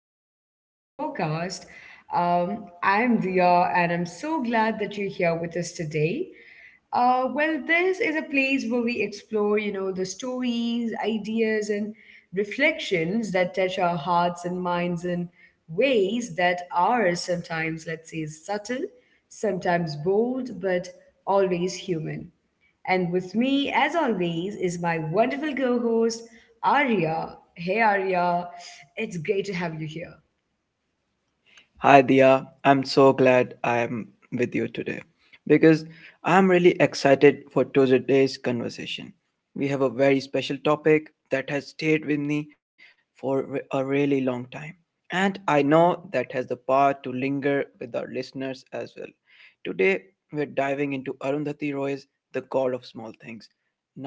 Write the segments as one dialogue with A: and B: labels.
A: episode of our podcast. I'm Dia and I'm so glad that you're here with us today. This is a place where we explore, the stories, ideas, and reflections that touch our hearts and minds in ways that are sometimes, let's say, subtle, sometimes bold, but always human. And with me, as always, is my wonderful co host, Arya. Hey, Arya, it's great to have you here.
B: Hi, Dia. I'm so glad I'm with you today because I'm really excited for today's conversation. We have a very special topic that has stayed with me for a really long time, and I know that has the power to linger with our listeners as well. Today, we're diving into Arundhati Roy's The God of Small Things.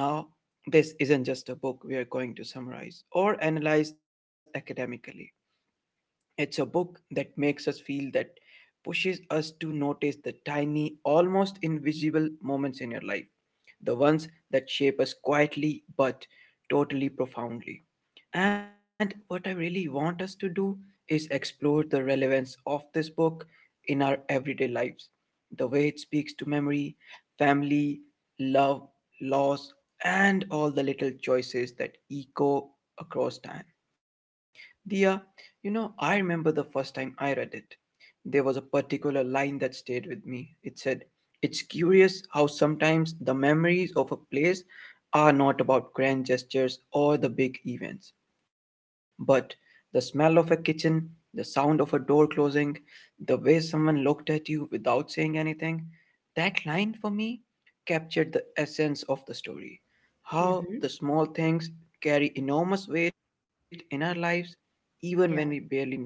B: Now, this isn't just a book we are going to summarize or analyze academically. It's a book that makes us feel that pushes us to notice the tiny, almost invisible moments in your life, the ones that shape us quietly but totally profoundly. And what I really want us to do is explore the relevance of this book in our everyday lives, the way it speaks to memory, family, love, loss, and all the little choices that echo across time. Dia, you know, I remember the first time I read it. There was a particular line that stayed with me. It said, it's curious how sometimes the memories of a place are not about grand gestures or the big events, but the smell of a kitchen, the sound of a door closing, the way someone looked at you without saying anything. That line for me captured the essence of the story. How the
A: hmm
B: small things carry enormous weight in our lives, even when we barely
A: Yeah.
B: notice them.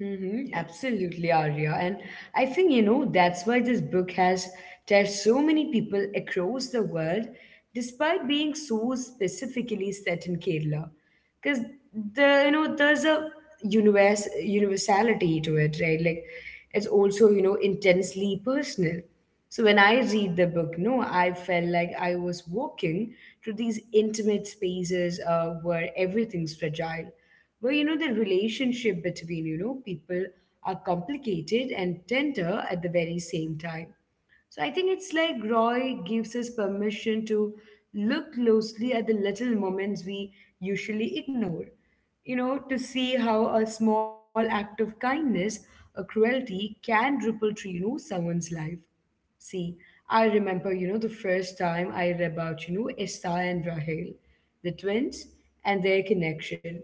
B: Yeah.
A: absolutely, Arya. And I think, that's why this book has touched so many people across the world, despite being so specifically set in Kerala. Because there's a universe universality to it, right? Like it's also, intensely personal. So when I read the book, no, I felt like I was walking through these intimate spaces where everything's fragile, where the relationship between people are complicated and tender at the very same time. So I think it's like Roy gives us permission to look closely at the little moments we usually ignore, to see how a small act of kindness or cruelty can ripple through someone's life. See, I remember, the first time I read about, Esta and Rahel, the twins, and their connection.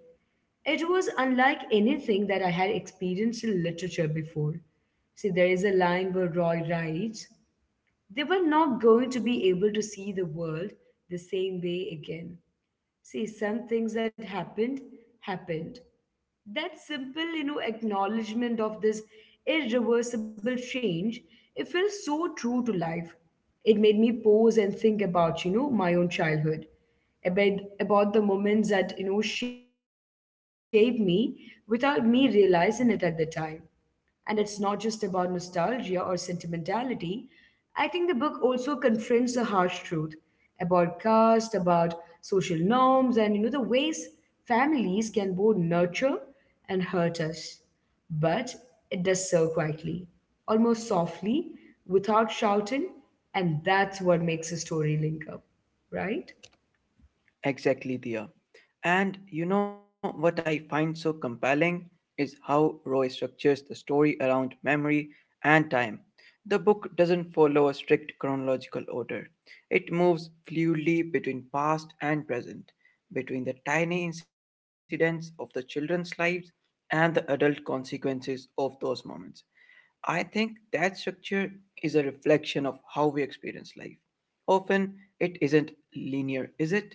A: It was unlike anything that I had experienced in literature before. See, there is a line where Roy writes, they were not going to be able to see the world the same way again. See, some things that happened that simple acknowledgement of this irreversible change. It feels so true to life. It made me pause and think about my own childhood, about the moments that shaped me without me realizing it at the time. And it's not just about nostalgia or sentimentality. I think the book also confronts a harsh truth about caste, about social norms, and the ways families can both nurture and hurt us. But it does so quietly, almost softly, without shouting, and that's what makes a story linger, right?
B: Exactly, Dia. And you know what I find so compelling is how Roy structures the story around memory and time. The book doesn't follow a strict chronological order, it moves fluidly between past and present, between the tiny incidents of the children's lives and the adult consequences of those moments. I think that structure is a reflection of how we experience life. Often it isn't linear, is it?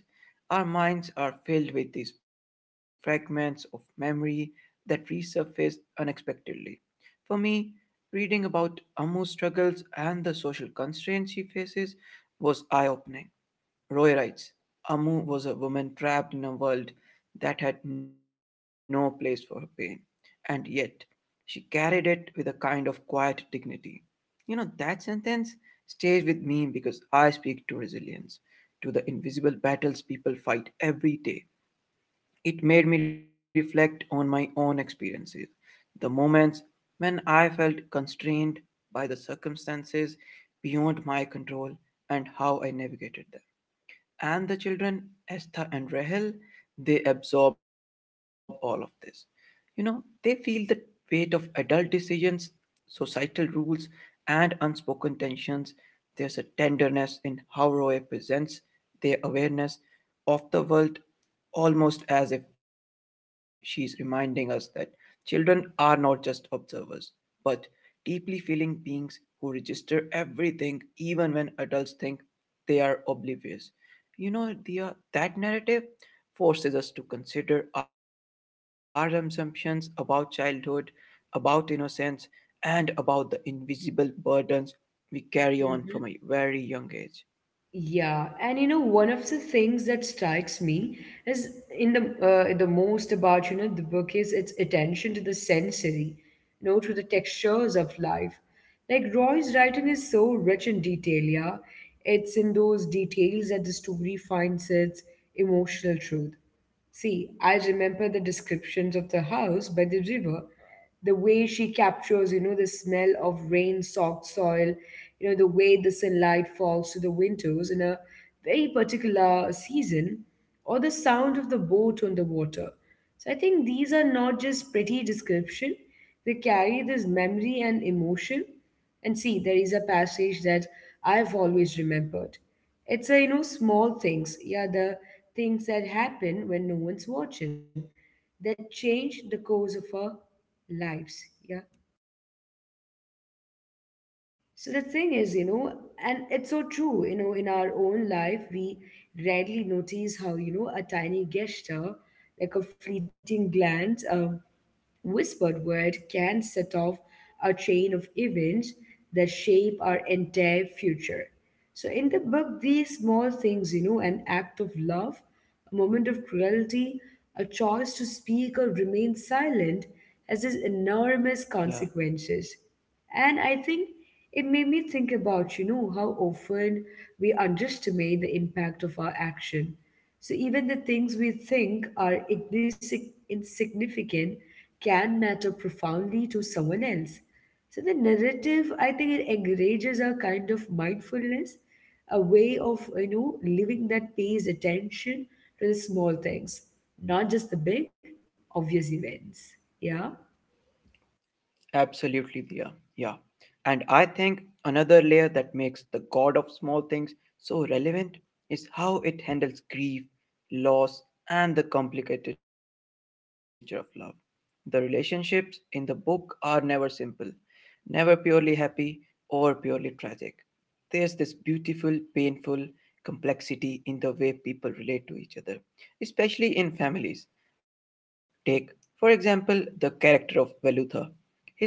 B: Our minds are filled with these fragments of memory that resurface unexpectedly. For me, reading about Ammu's struggles and the social constraints she faces was eye opening. Roy writes Amu was a woman trapped in a world that had no place for her pain, and yet she carried it with a kind of quiet dignity. You know, that sentence stays with me because I speak to resilience, to the invisible battles people fight every day. It made me reflect on my own experiences, the moments when I felt constrained by the circumstances beyond my control, and how I navigated them, and the children Esther and Rahel, they absorb all of this, you know, they feel the weight of adult decisions, societal rules, and unspoken tensions. There's a tenderness in how Roy presents their awareness of the world, almost as if she's reminding us that children are not just observers, but deeply feeling beings who register everything even when adults think they are oblivious. You know, Dia, that narrative forces us to consider our assumptions about childhood, about innocence, and about the invisible burdens we carry on from a very young age.
A: Yeah, and you know, one of the things that strikes me is in the most about the book is its attention to the sensory, to the textures of life. Like Roy's writing is so rich in detail. Yeah, it's in those details that the story finds its emotional truth. See, I remember the descriptions of the house by the river, the way she captures the smell of rain soaked soil, the way the sunlight falls through the windows in a very particular season, or the sound of the boat on the water. So I think these are not just pretty description, they carry this memory and emotion. And see, there is a passage that I've always remembered. It's a, small things, yeah, the things that happen when no one's watching that change the course of our lives, yeah. So the thing is, you know, and it's so true, in our own life, we rarely notice how, a tiny gesture, like a fleeting glance, whispered word can set off a chain of events that shape our entire future. So, in the book, these small things, an act of love, a moment of cruelty, a choice to speak or remain silent, has these enormous consequences. And I think it made me think about, how often we underestimate the impact of our action. So even the things we think are insignificant can matter profoundly to someone else. So the narrative, I think it encourages a kind of mindfulness, a way of living that pays attention to the small things, not just the big obvious events. Yeah.
B: Absolutely, Dia. Yeah. And I think another layer that makes the God of Small Things so relevant is how it handles grief, loss, and the complicated nature of love. The relationships in the book are never simple, never purely happy or purely tragic. There's this beautiful, painful complexity in the way people relate to each other, especially in families. Take, for example, the character of Velutha.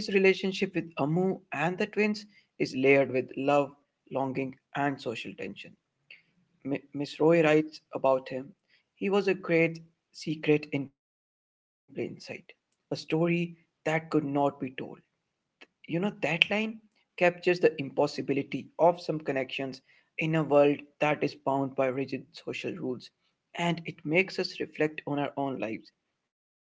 B: His relationship with Amu and the twins is layered with love, longing, and social tension. Miss Roy writes about him. He was a great secret in plain sight, a story that could not be told. You know, that line captures the impossibility of some connections in a world that is bound by rigid social rules, and it makes us reflect on our own lives,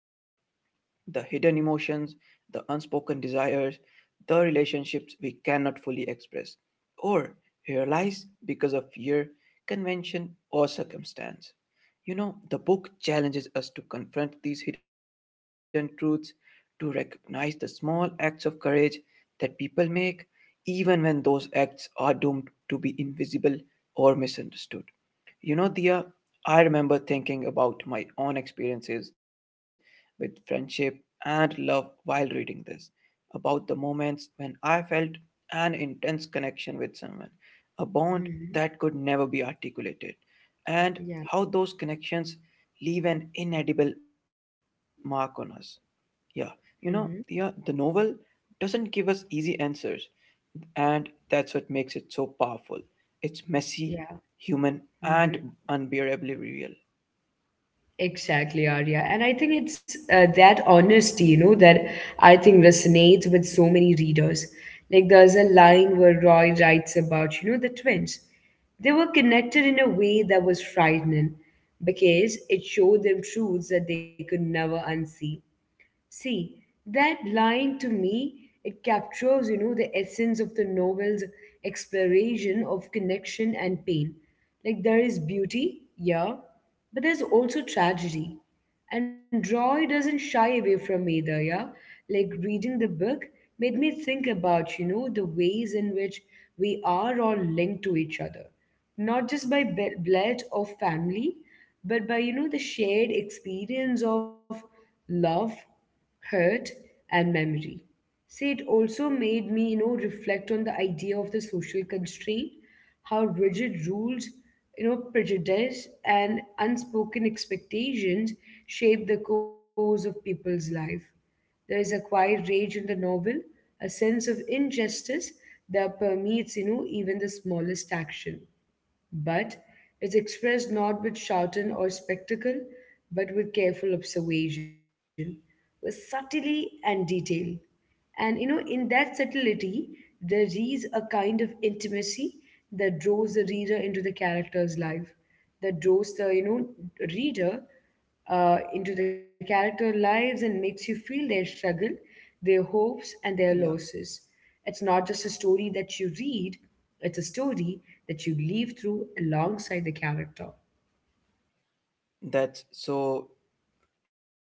B: the hidden emotions, the unspoken desires, the relationships we cannot fully express or realize because of fear, convention, or circumstance. You know, the book challenges us to confront these hidden truths, to recognize the small acts of courage that people make, even when those acts are doomed to be invisible or misunderstood. You know, Dia, I remember thinking about my own experiences with friendship and love while reading this, about the moments when I felt an intense connection with someone, a bond
A: Mhm.
B: that could never be articulated,
A: Yeah.
B: and how those connections leave an inedible mark on us. Yeah, you know,
A: Mhm.
B: yeah, the novel doesn't give us easy answers, and that's what makes it so powerful. It's
A: Yeah.
B: messy, human, and unbearably real.
A: Exactly, Arya. And I think it's that honesty, you know, that I think resonates with so many readers. Like there's a line where Roy writes about, the twins. They were connected in a way that was frightening because it showed them truths that they could never unsee. See, that line to me, it captures, the essence of the novel's exploration of connection and pain. Like there is beauty, yeah, but there's also tragedy. And Roy doesn't shy away from either, yeah. Like reading the book made me think about, the ways in which we are all linked to each other, not just by blood or family, but by the shared experience of love, hurt, and memory. See, it also made me, reflect on the idea of the social constraint, how rigid rules, prejudice and unspoken expectations shape the course of people's life. There is a quiet rage in the novel, a sense of injustice that permeates, even the smallest action. But it's expressed not with shouting or spectacle, but with careful observation, with subtlety and detail. And you know, in that subtlety, there is a kind of intimacy that draws the reader into the character's life, that draws the you know reader into the character lives and makes you feel their struggle, their hopes, and their
B: Yeah,
A: losses. It's not just a story that you read, it's a story that you live through alongside the character.
B: that's so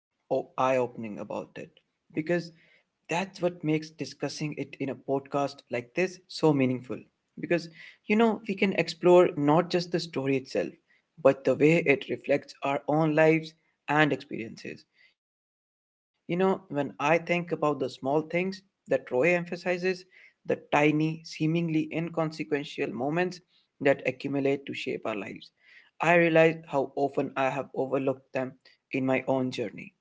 B: eye opening about it because that's what makes discussing it in a podcast like this so meaningful, because you know we can explore not just the story itself but the way it reflects our own lives and experiences. You know, when I think about the small things that Roy emphasizes, the tiny seemingly inconsequential moments that accumulate to shape our lives, I realize how often I have overlooked them in my own journey.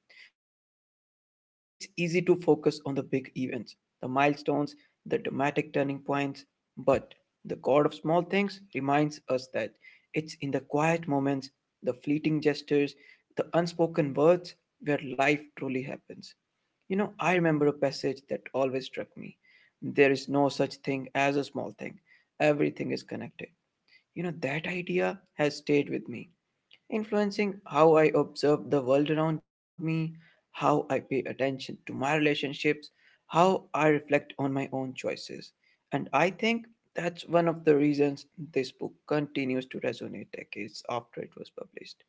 B: It's easy to focus on the big events, the milestones, the dramatic turning points, but the God of small things reminds us that it's in the quiet moments, the fleeting gestures, the unspoken words where life truly happens. You know, I remember a passage that always struck me. There is no such thing as a small thing. Everything is connected. You know, that idea has stayed with me, influencing how I observe the world around me, how I pay attention to my relationships, how I reflect on my own choices. And I think that's one of the reasons this book continues to resonate decades after it was published.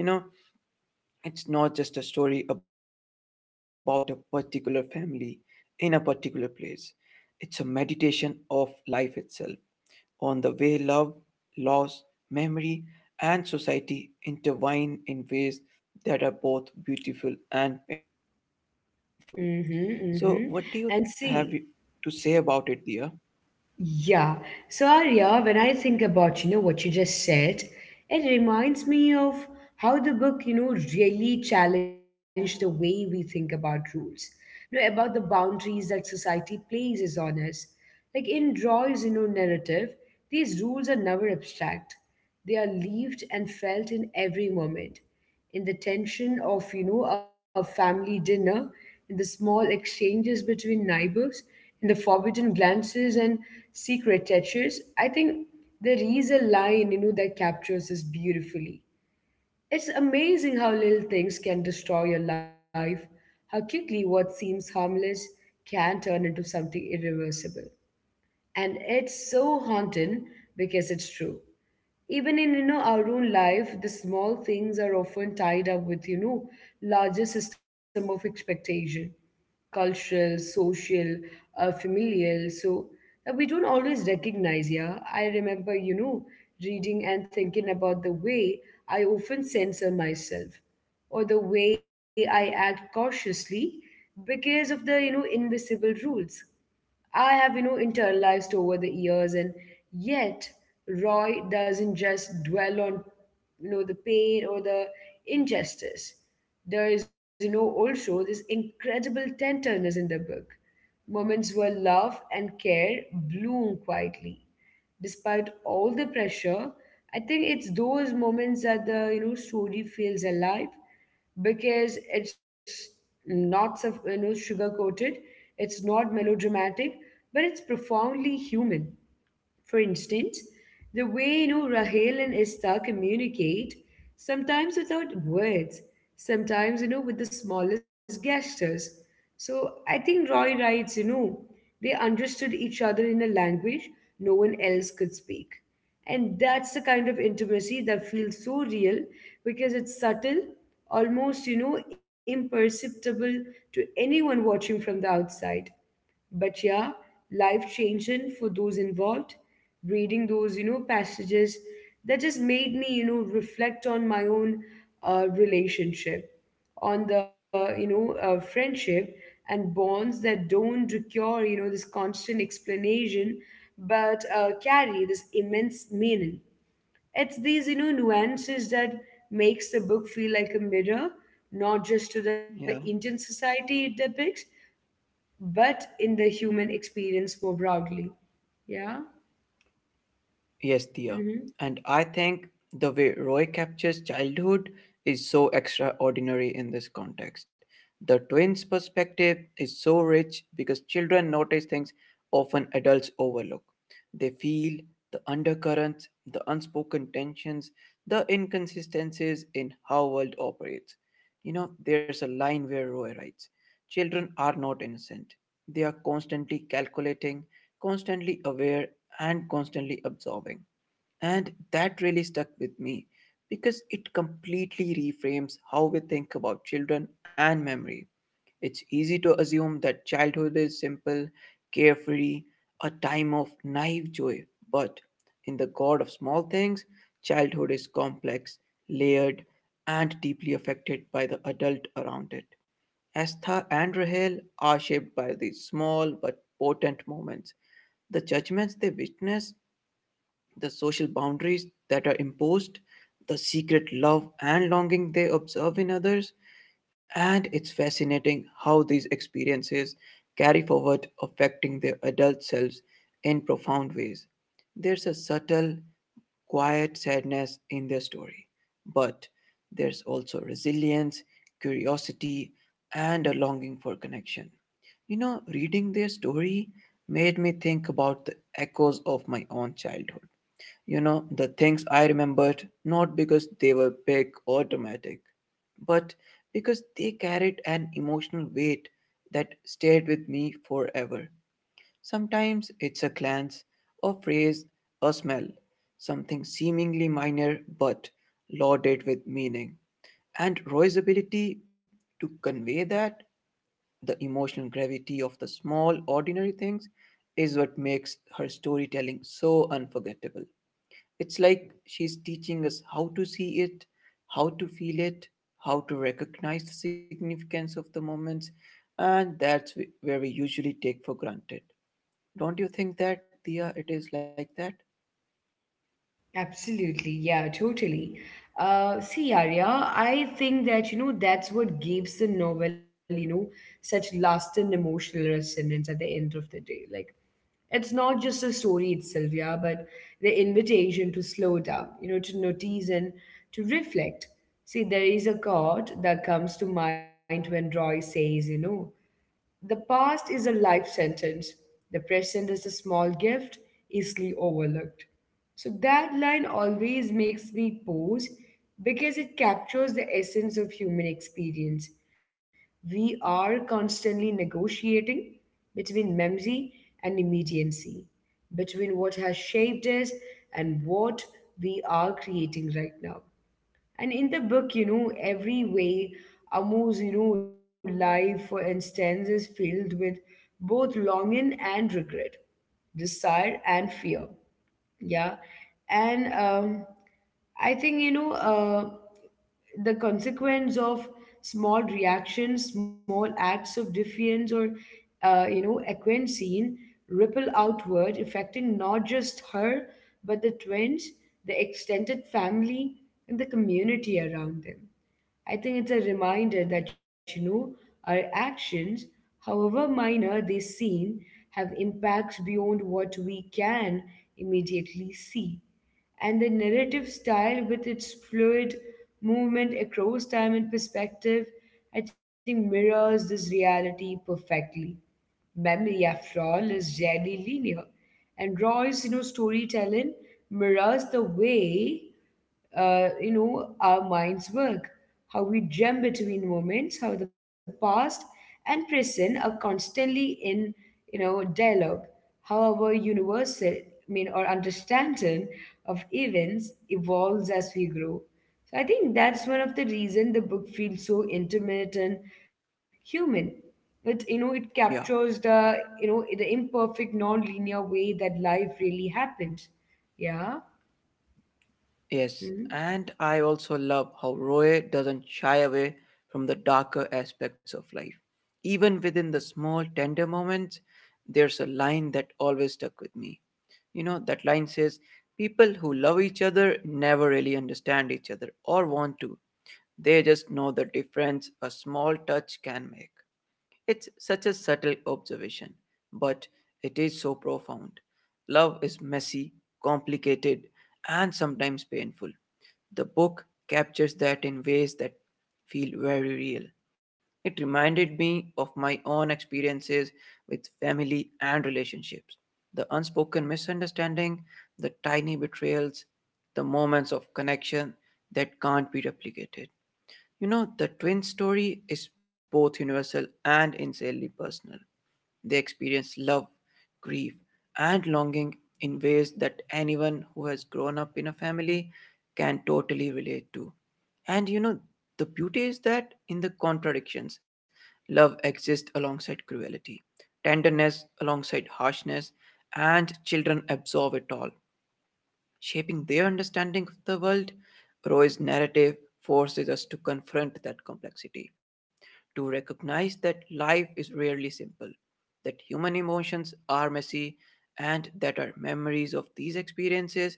B: You know, it's not just a story about a particular family in a particular place, it's a meditation of life itself on the way love, loss, memory, and society intertwine in ways that are both beautiful and painful. So, what do you
A: Mm-hmm,
B: have
A: mm-hmm. And
B: to say
A: see,
B: about it, dear?
A: yeah. So Arya, when I think about, what you just said, it reminds me of how the book, really challenged the way we think about rules, about the boundaries that society places on us. Like in Roy's, narrative, these rules are never abstract. They are lived and felt in every moment, in the tension of a family dinner, in the small exchanges between neighbors, in the forbidden glances and secret touches. I think there is a line, that captures this beautifully. It's amazing how little things can destroy your life, how quickly what seems harmless can turn into something irreversible. And it's so haunting because it's true. Even in our own life, the small things are often tied up with larger system of expectation, cultural, social, familial, so that we don't always recognize. Yeah, I remember, reading and thinking about the way I often censor myself, or the way I act cautiously because of the invisible rules I have, internalized over the years, and yet Roy doesn't just dwell on, the pain or the injustice. There is, also this incredible tenderness in the book, moments where love and care bloom quietly despite all the pressure. I think it's those moments that the story feels alive because it's not sugar coated, it's not melodramatic, but it's profoundly human. For instance, the way Rahel and Esther communicate, sometimes without words, sometimes with the smallest gestures. So I think Roy writes, you know, they understood each other in a language no one else could speak. And that's the kind of intimacy that feels so real because it's subtle, almost, imperceptible to anyone watching from the outside. But yeah, life changing for those involved. Reading those, passages that just made me, reflect on my own relationship, on the, friendship and bonds that don't require, this constant explanation, but carry this immense meaning. It's these, nuances that makes the book feel like a mirror, not just to the
B: Yeah.
A: Indian society it depicts, but in the human experience more broadly. Yeah.
B: Yes, Dia.
A: hmm
B: And I think the way Roy captures childhood is so extraordinary in this context. The twins' perspective is so rich because children notice things often adults overlook. They feel the undercurrents, the unspoken tensions, the inconsistencies in how world operates. You know, there's a line where Roy writes, children are not innocent. They are constantly calculating, constantly aware and constantly absorbing. And that really stuck with me because it completely reframes how we think about children and memory. It's easy to assume that childhood is simple, carefree, a time of naive joy, but in the god of small things, childhood is complex, layered, and deeply affected by the adult around it. Astha and Rahel are shaped by these small but potent moments, the judgments they witness, the social boundaries that are imposed, the secret love and longing they observe in others, and it's fascinating how these experiences carry forward, affecting their adult selves in profound ways. There's a subtle, quiet sadness in their story, but there's also resilience, curiosity, and a longing for connection. You know, reading their story made me think about the echoes of my own childhood, you know, the things I remembered not because they were big or dramatic, but because they carried an emotional weight that stayed with me forever. Sometimes it's a glance, a phrase, a smell, something seemingly minor but loaded with meaning. And Roy's ability to convey that, the emotional gravity of the small, ordinary things, is what makes her storytelling so unforgettable. It's like she's teaching us how to see it, how to feel it, how to recognize the significance of the moments, and where we usually take for granted. Don't you think that, Dia, it is like that?
A: Absolutely. Yeah, totally. See, Arya, I think that, that's what gives the novel, such lasting emotional resonance at the end of the day. Like, it's not just the story itself, yeah, but the invitation to slow down, to notice and to reflect. See, there is a quote that comes to mind when Roy says, you know, the past is a life sentence. The present is a small gift, easily overlooked. So that line always makes me pause because it captures the essence of human experience. We are constantly negotiating between memory and immediacy, between what has shaped us and what we are creating right now. And in the book, you know, every way Amu's, life, for instance, is filled with both longing and regret, desire and fear. Yeah. And I think, the consequence of small reactions, small acts of defiance or acquiescence ripple outward, affecting not just her but the twins, the extended family, and the community around them. I think it's a reminder that, our actions, however minor they seem, have impacts beyond what we can immediately see. And the narrative style, with its fluid movement across time and perspective, I think mirrors this reality perfectly. Memory, after all, is rarely linear. And Roy's, storytelling mirrors the way, our minds work, how we jump between moments, how the past and present are constantly in, dialogue. However, universal, or understanding of events evolves as we grow. So I think that's one of the reasons the book feels so intimate and human. It captures
B: Yeah.
A: the the imperfect non-linear way that life really happens. Yeah.
B: Yes, and I also love how Roy doesn't shy away from the darker aspects of life. Even within the small, tender moments, there's a line that always stuck with me. You know, that line says people who love each other never really understand each other or want to. They just know the difference a small touch can make. It's such a subtle observation, but it is so profound. Love is messy, complicated, and sometimes painful. The book captures that in ways that feel very real. It reminded me of my own experiences with family and relationships, the unspoken misunderstanding, the tiny betrayals, the moments of connection that can't be replicated. You know, the twin story is both universal and insanely personal. They experience love, grief, and longing in ways that anyone who has grown up in a family can totally relate to. And you know, the beauty is that in the contradictions, love exists alongside cruelty, tenderness alongside harshness, and children absorb it all shaping their understanding of the world. Roy's narrative forces us to confront that complexity, to recognize that life is rarely simple, that human emotions are messy, and that our memories of these experiences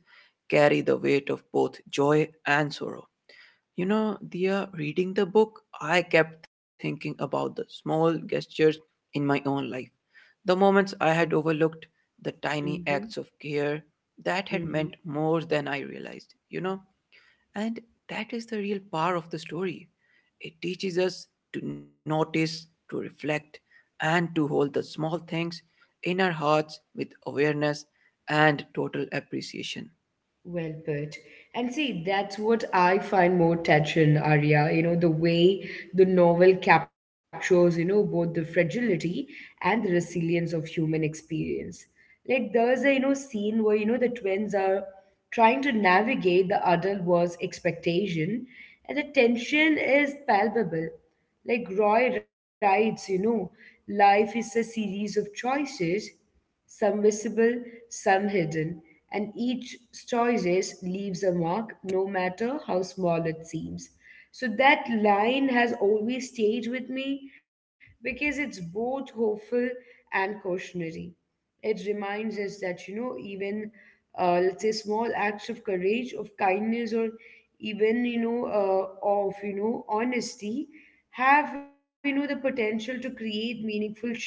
B: carry the weight of both joy and sorrow. You know, Dia, reading the book, I kept thinking about the small gestures in my own life, the moments I had overlooked, the tiny
A: Mm-hmm.
B: acts of care that had
A: Mm-hmm.
B: meant more than I realized, you know? And that is the real power of the story. It teaches us to notice, to reflect, and to hold the small things in our hearts with awareness and total appreciation.
A: Well put. And see, that's what I find more touching, Arya. The way the novel captures, both the fragility and the resilience of human experience. Like, there's a, scene where, the twins are trying to navigate the adult world's expectation, and the tension is palpable. Like, Roy writes, life is a series of choices some visible, some hidden, and each choice leaves a mark, no matter how small it seems. So that line has always stayed with me because it's both hopeful and cautionary. It reminds us that, even let's say small acts of courage, of kindness, or even, of, honesty have, the potential to create meaningful change,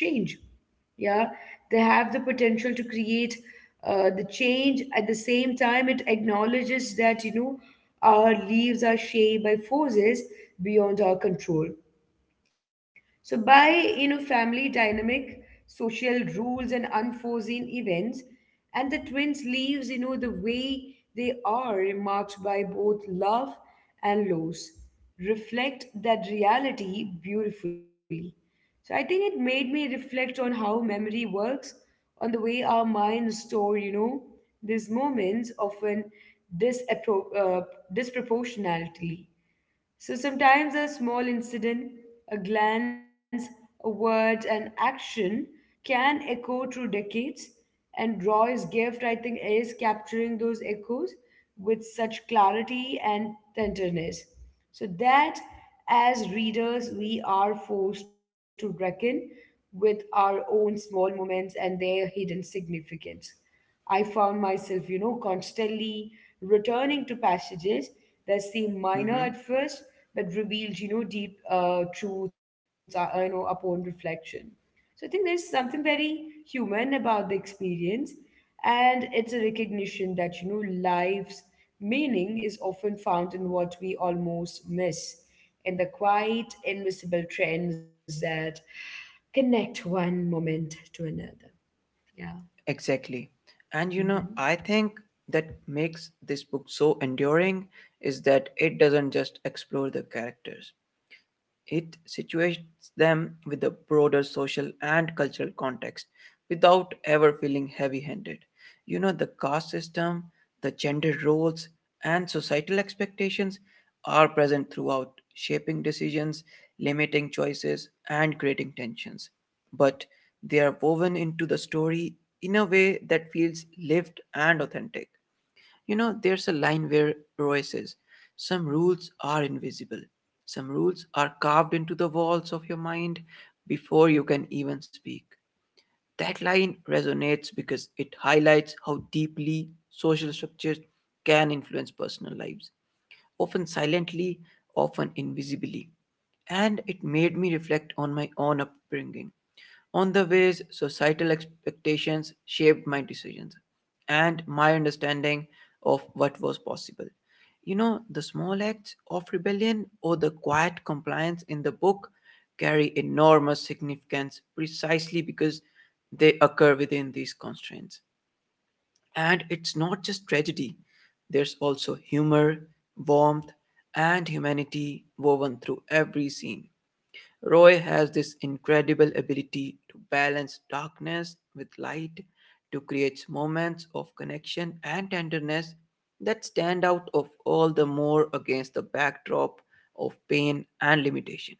A: yeah, they have the potential to create the change. At the same time, it acknowledges that, our lives are shaped by forces beyond our control, so by, family dynamic, social rules and unforeseen events, and the twins lives, the way they are marked by both love and loss, reflect that reality beautifully. So I think it made me reflect on how memory works, on the way our minds store, these moments often disappro- uh, disproportionately. So sometimes a small incident, a glance, a word, an action can echo through decades. And Roy's gift, I think, is capturing those echoes with such clarity and tenderness. So that as readers, we are forced to reckon with our own small moments and their hidden significance. I found myself, constantly returning to passages that seemed minor at
B: Mhm.
A: first, but revealed, deep truths, upon reflection. So I think there's something very human about the experience, and it's a recognition that, life's meaning is often found in what we almost miss, in the quiet, invisible trends that connect one moment to another. Yeah.
B: Exactly. And you know,
A: Mm-hmm.
B: I think that makes this book so enduring is that it doesn't just explore the characters, it situates them with the broader social and cultural context without ever feeling heavy handed. You know, the caste system, the gender roles, and societal expectations are present throughout, shaping decisions, limiting choices, and creating tensions. But they are woven into the story in a way that feels lived and authentic. You know, there's a line where Roy says, some rules are invisible. Some rules are carved into the walls of your mind before you can even speak. That line resonates because it highlights how deeply social structures can influence personal lives, often silently, often invisibly. And it made me reflect on my own upbringing, on the ways societal expectations shaped my decisions and my understanding of what was possible. You know, the small acts of rebellion or the quiet compliance in the book carry enormous significance precisely because they occur within these constraints. And it's not just tragedy, there's also humor, warmth, and humanity woven through every scene. Roy has this incredible ability to balance darkness with light, to create moments of connection and tenderness that stand out of all the more against the backdrop of pain and limitation.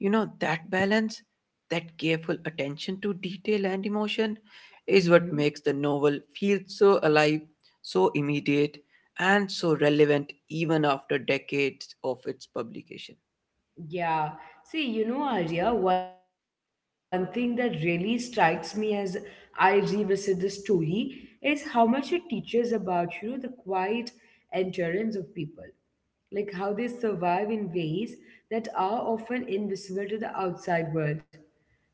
B: You know, that balance, that careful attention to detail and emotion is what
A: Mm-hmm.
B: makes the novel feel so alive, so immediate, and so relevant even after decades of its publication.
A: Yeah. See, Arya, one thing that really strikes me as I revisit the story is how much it teaches about, the quiet endurance of people, like how they survive in ways that are often invisible to the outside world.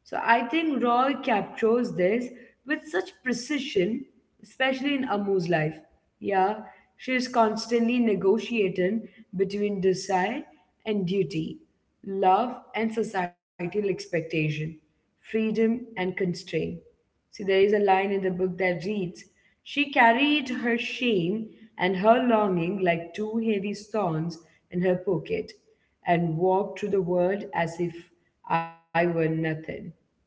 A: So I think Roy captures this with such precision, especially in Amu's life. Yeah, she is constantly negotiating between desire and duty, love and societal expectation, freedom and constraint. See, there is a line in the book that reads, she carried her shame and her longing like two heavy stones in her pocket and walked through the world as if I were nothing.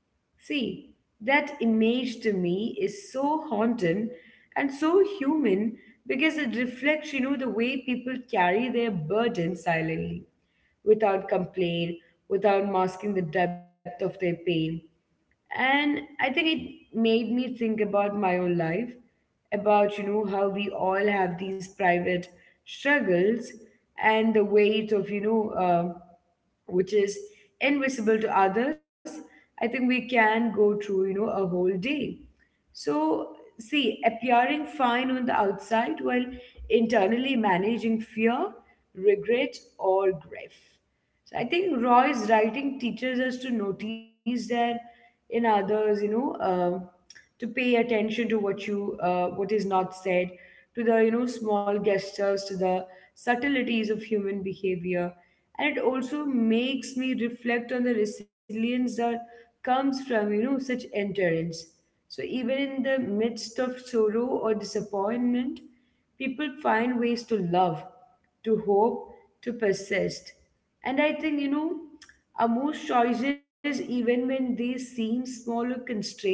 A: See, that image to me is so haunting and so human because it reflects, the way people carry their burden silently, without complaint, without masking the depth of their pain. And I think it made me think about my own life, about how we all have these private struggles and the weight of, which is invisible to others. I think we can go through, a whole day, so, see, appearing fine on the outside while internally managing fear, regret or grief. So I think Roy's writing teaches us to notice that in others, to pay attention to what is not said, to the, small gestures, to the subtleties of human behavior, and it also makes me reflect on the resilience that comes from, such endurance. So even in the midst of sorrow or disappointment, people find ways to love, to hope, to persist. And I think, our most choices, even when they seem small or constrained,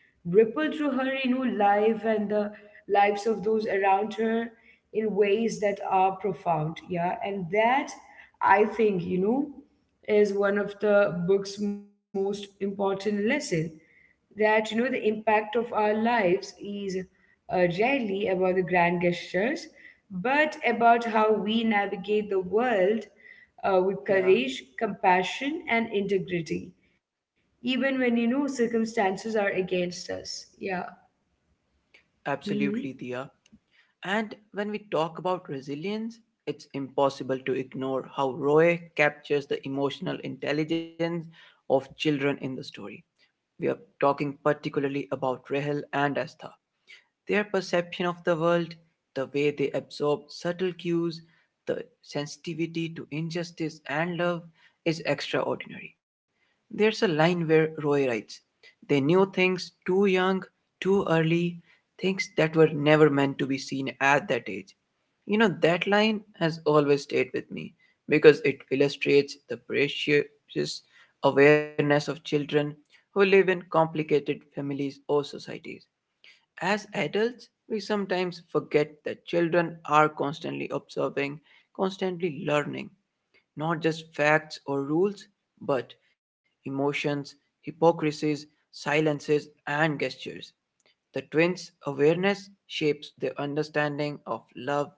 A: ripple through her, life and the lives of those around her in ways that are profound. Yeah. And that, I think, is one of the book's most important lesson, that the impact of our lives is rarely about the grand gestures but about how we navigate the world with
B: Yeah,
A: courage, compassion and integrity, even when, circumstances are against us. Yeah.
B: absolutely,
A: Hmm.
B: Dia. And when we talk about resilience, it's impossible to ignore how Roy captures the emotional intelligence of children in the story. We are talking particularly about Rahel and Astha, their perception of the world, the way they absorb subtle cues, the sensitivity to injustice and love is extraordinary. There's a line where Roy writes, they knew things too young, too early, things that were never meant to be seen at that age. You know, that line has always stayed with me because it illustrates the precious awareness of children who live in complicated families or societies. As adults, we sometimes forget that children are constantly observing, constantly learning, not just facts or rules, but emotions, hypocrisies, silences, and gestures. The twins' awareness shapes their understanding of love,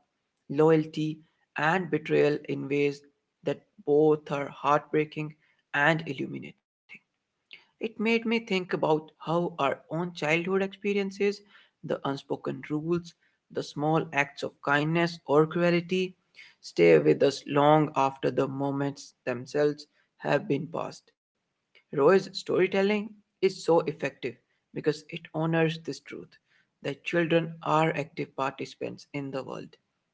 B: loyalty, and betrayal in ways that both are heartbreaking and illuminating. It made me think about how our own childhood experiences, the unspoken rules, the small acts of kindness or cruelty, stay with us long after the moments themselves have been passed. Roy's storytelling is so effective because it honors this truth that children are active participants in the world,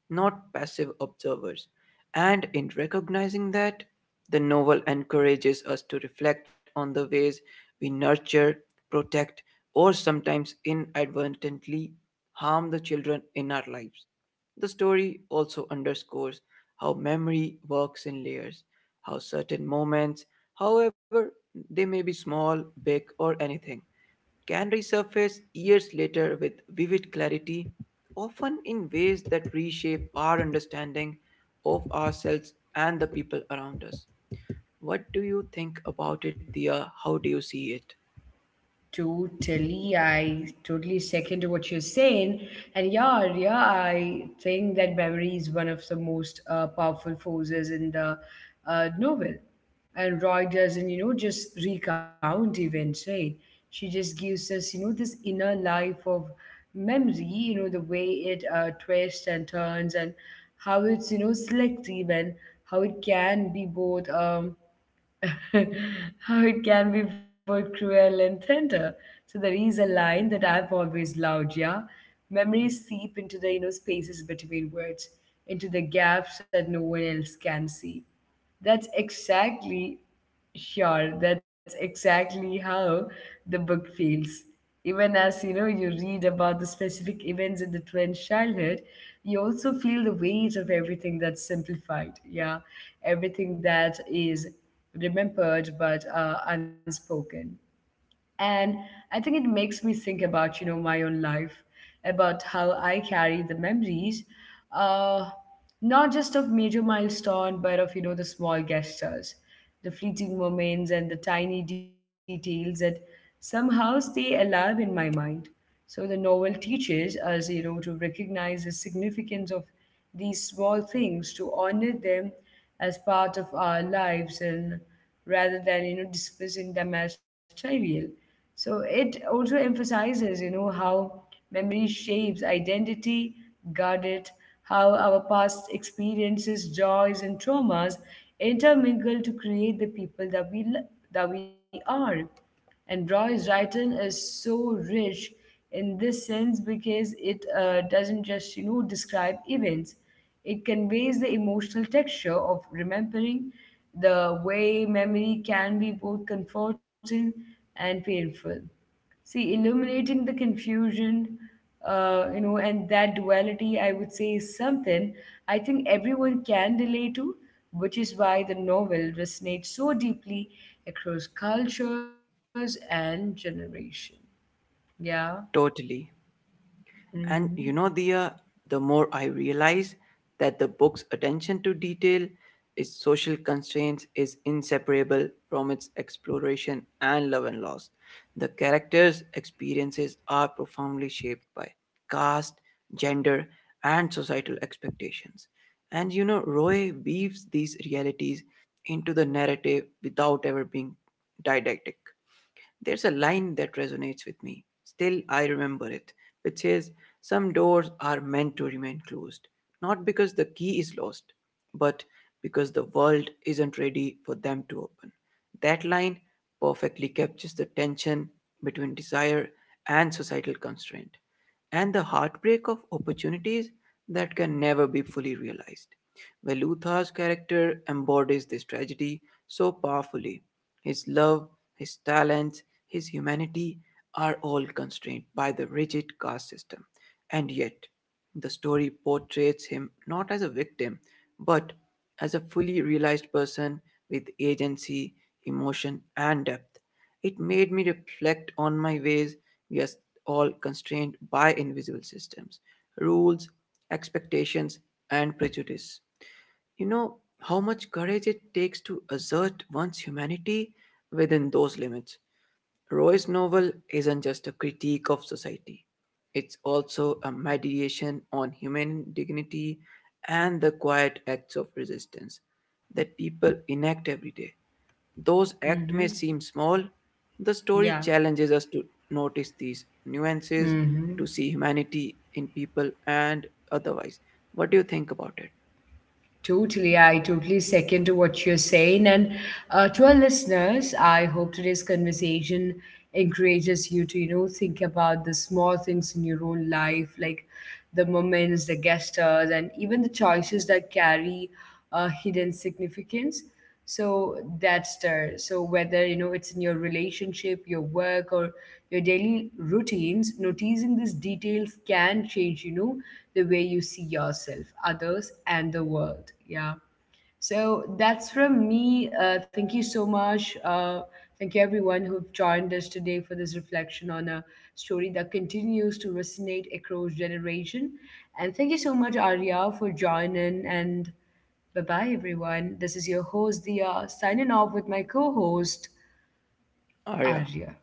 B: not passive observers. And in recognizing that, the novel encourages us to reflect on the ways we nurture, protect, or sometimes inadvertently harm the children in our lives. The story also underscores how memory works in layers, how certain moments, however they may be small, big, or anything, can resurface years later with vivid clarity, often in ways that reshape our understanding of ourselves and the people around us. What do you think about it, Dia? How do you see it?
A: Totally, I totally second to what you're saying. And I think that memory is one of the most powerful forces in the novel. And Roy doesn't, just recount events, right? She just gives us, this inner life of memory, the way it twists and turns, and how it's, selective, and how it can be both. How it can be both cruel and tender. So there is a line that I've always loved, yeah. Memories seep into the, spaces between words, into the gaps that no one else can see. That's exactly Sure, that's exactly how the book feels. Even as, you read about the specific events in the twins' childhood, you also feel the weight of everything that's simplified. Yeah, everything that is remembered but unspoken. And I think it makes me think about, my own life, about how I carry the memories, uh not just of major milestone but of, the small gestures, the fleeting moments and the tiny details that somehow stay alive in my mind. So the novel teaches us, to recognize the significance of these small things, to honor them as part of our lives, and rather than, dismissing them as trivial. So it also emphasizes, how memory shapes identity, guard it, how our past experiences, joys and traumas intermingle to create the people that that we are. And Roy's writing is so rich in this sense because it doesn't just, describe events. It conveys the emotional texture of remembering, the way memory can be both comforting and painful. See, illuminating the confusion, and that duality, I would say, is something I think everyone can relate to, which is why the novel resonates so deeply across cultures and generation. Yeah.
B: Totally. And
A: Mm-hmm.
B: you know, Dia, the more I realize that the book's attention to detail, its social constraints, is inseparable from its exploration and love and loss. The characters' experiences are profoundly shaped by caste, gender, and societal expectations. And you know, Roy weaves these realities into the narrative without ever being didactic. There's a line that resonates with me. Still, I remember it, which says, some doors are meant to remain closed, not because the key is lost, but because the world isn't ready for them to open. That line perfectly captures the tension between desire and societal constraint, and the heartbreak of opportunities that can never be fully realized. Velutha's character embodies this tragedy so powerfully. His love, his talents, his humanity are all constrained by the rigid caste system. And yet, the story portrays him not as a victim, but as a fully realized person with agency, emotion, and depth. It made me reflect on my ways we are all constrained by invisible systems, rules, expectations, and prejudice. You know how much courage it takes to assert one's humanity within those limits. Roy's novel isn't just a critique of society, it's also a meditation on human dignity and the quiet acts of resistance that people enact every day. Those acts may
A: Mm-hmm.
B: seem small, the story
A: Yeah.
B: challenges us to notice these nuances,
A: Mm-hmm.
B: to see humanity in people and otherwise. What do you think about it,
A: Totally. I totally second to what you're saying. And to our listeners, I hope today's conversation encourages you to, think about the small things in your own life, like the moments, the gestures, and even the choices that carry hidden significance. So that's there. So whether, it's in your relationship, your work or your daily routines, noticing these details can change, the way you see yourself, others and the world. Yeah. So that's from me. Thank you so much. Thank you, everyone who've joined us today for this reflection on a story that continues to resonate across generation. And thank you so much, Arya, for joining. And bye bye, everyone. This is your host, Dia, signing off with my co host,
B: Arya?
A: Arya.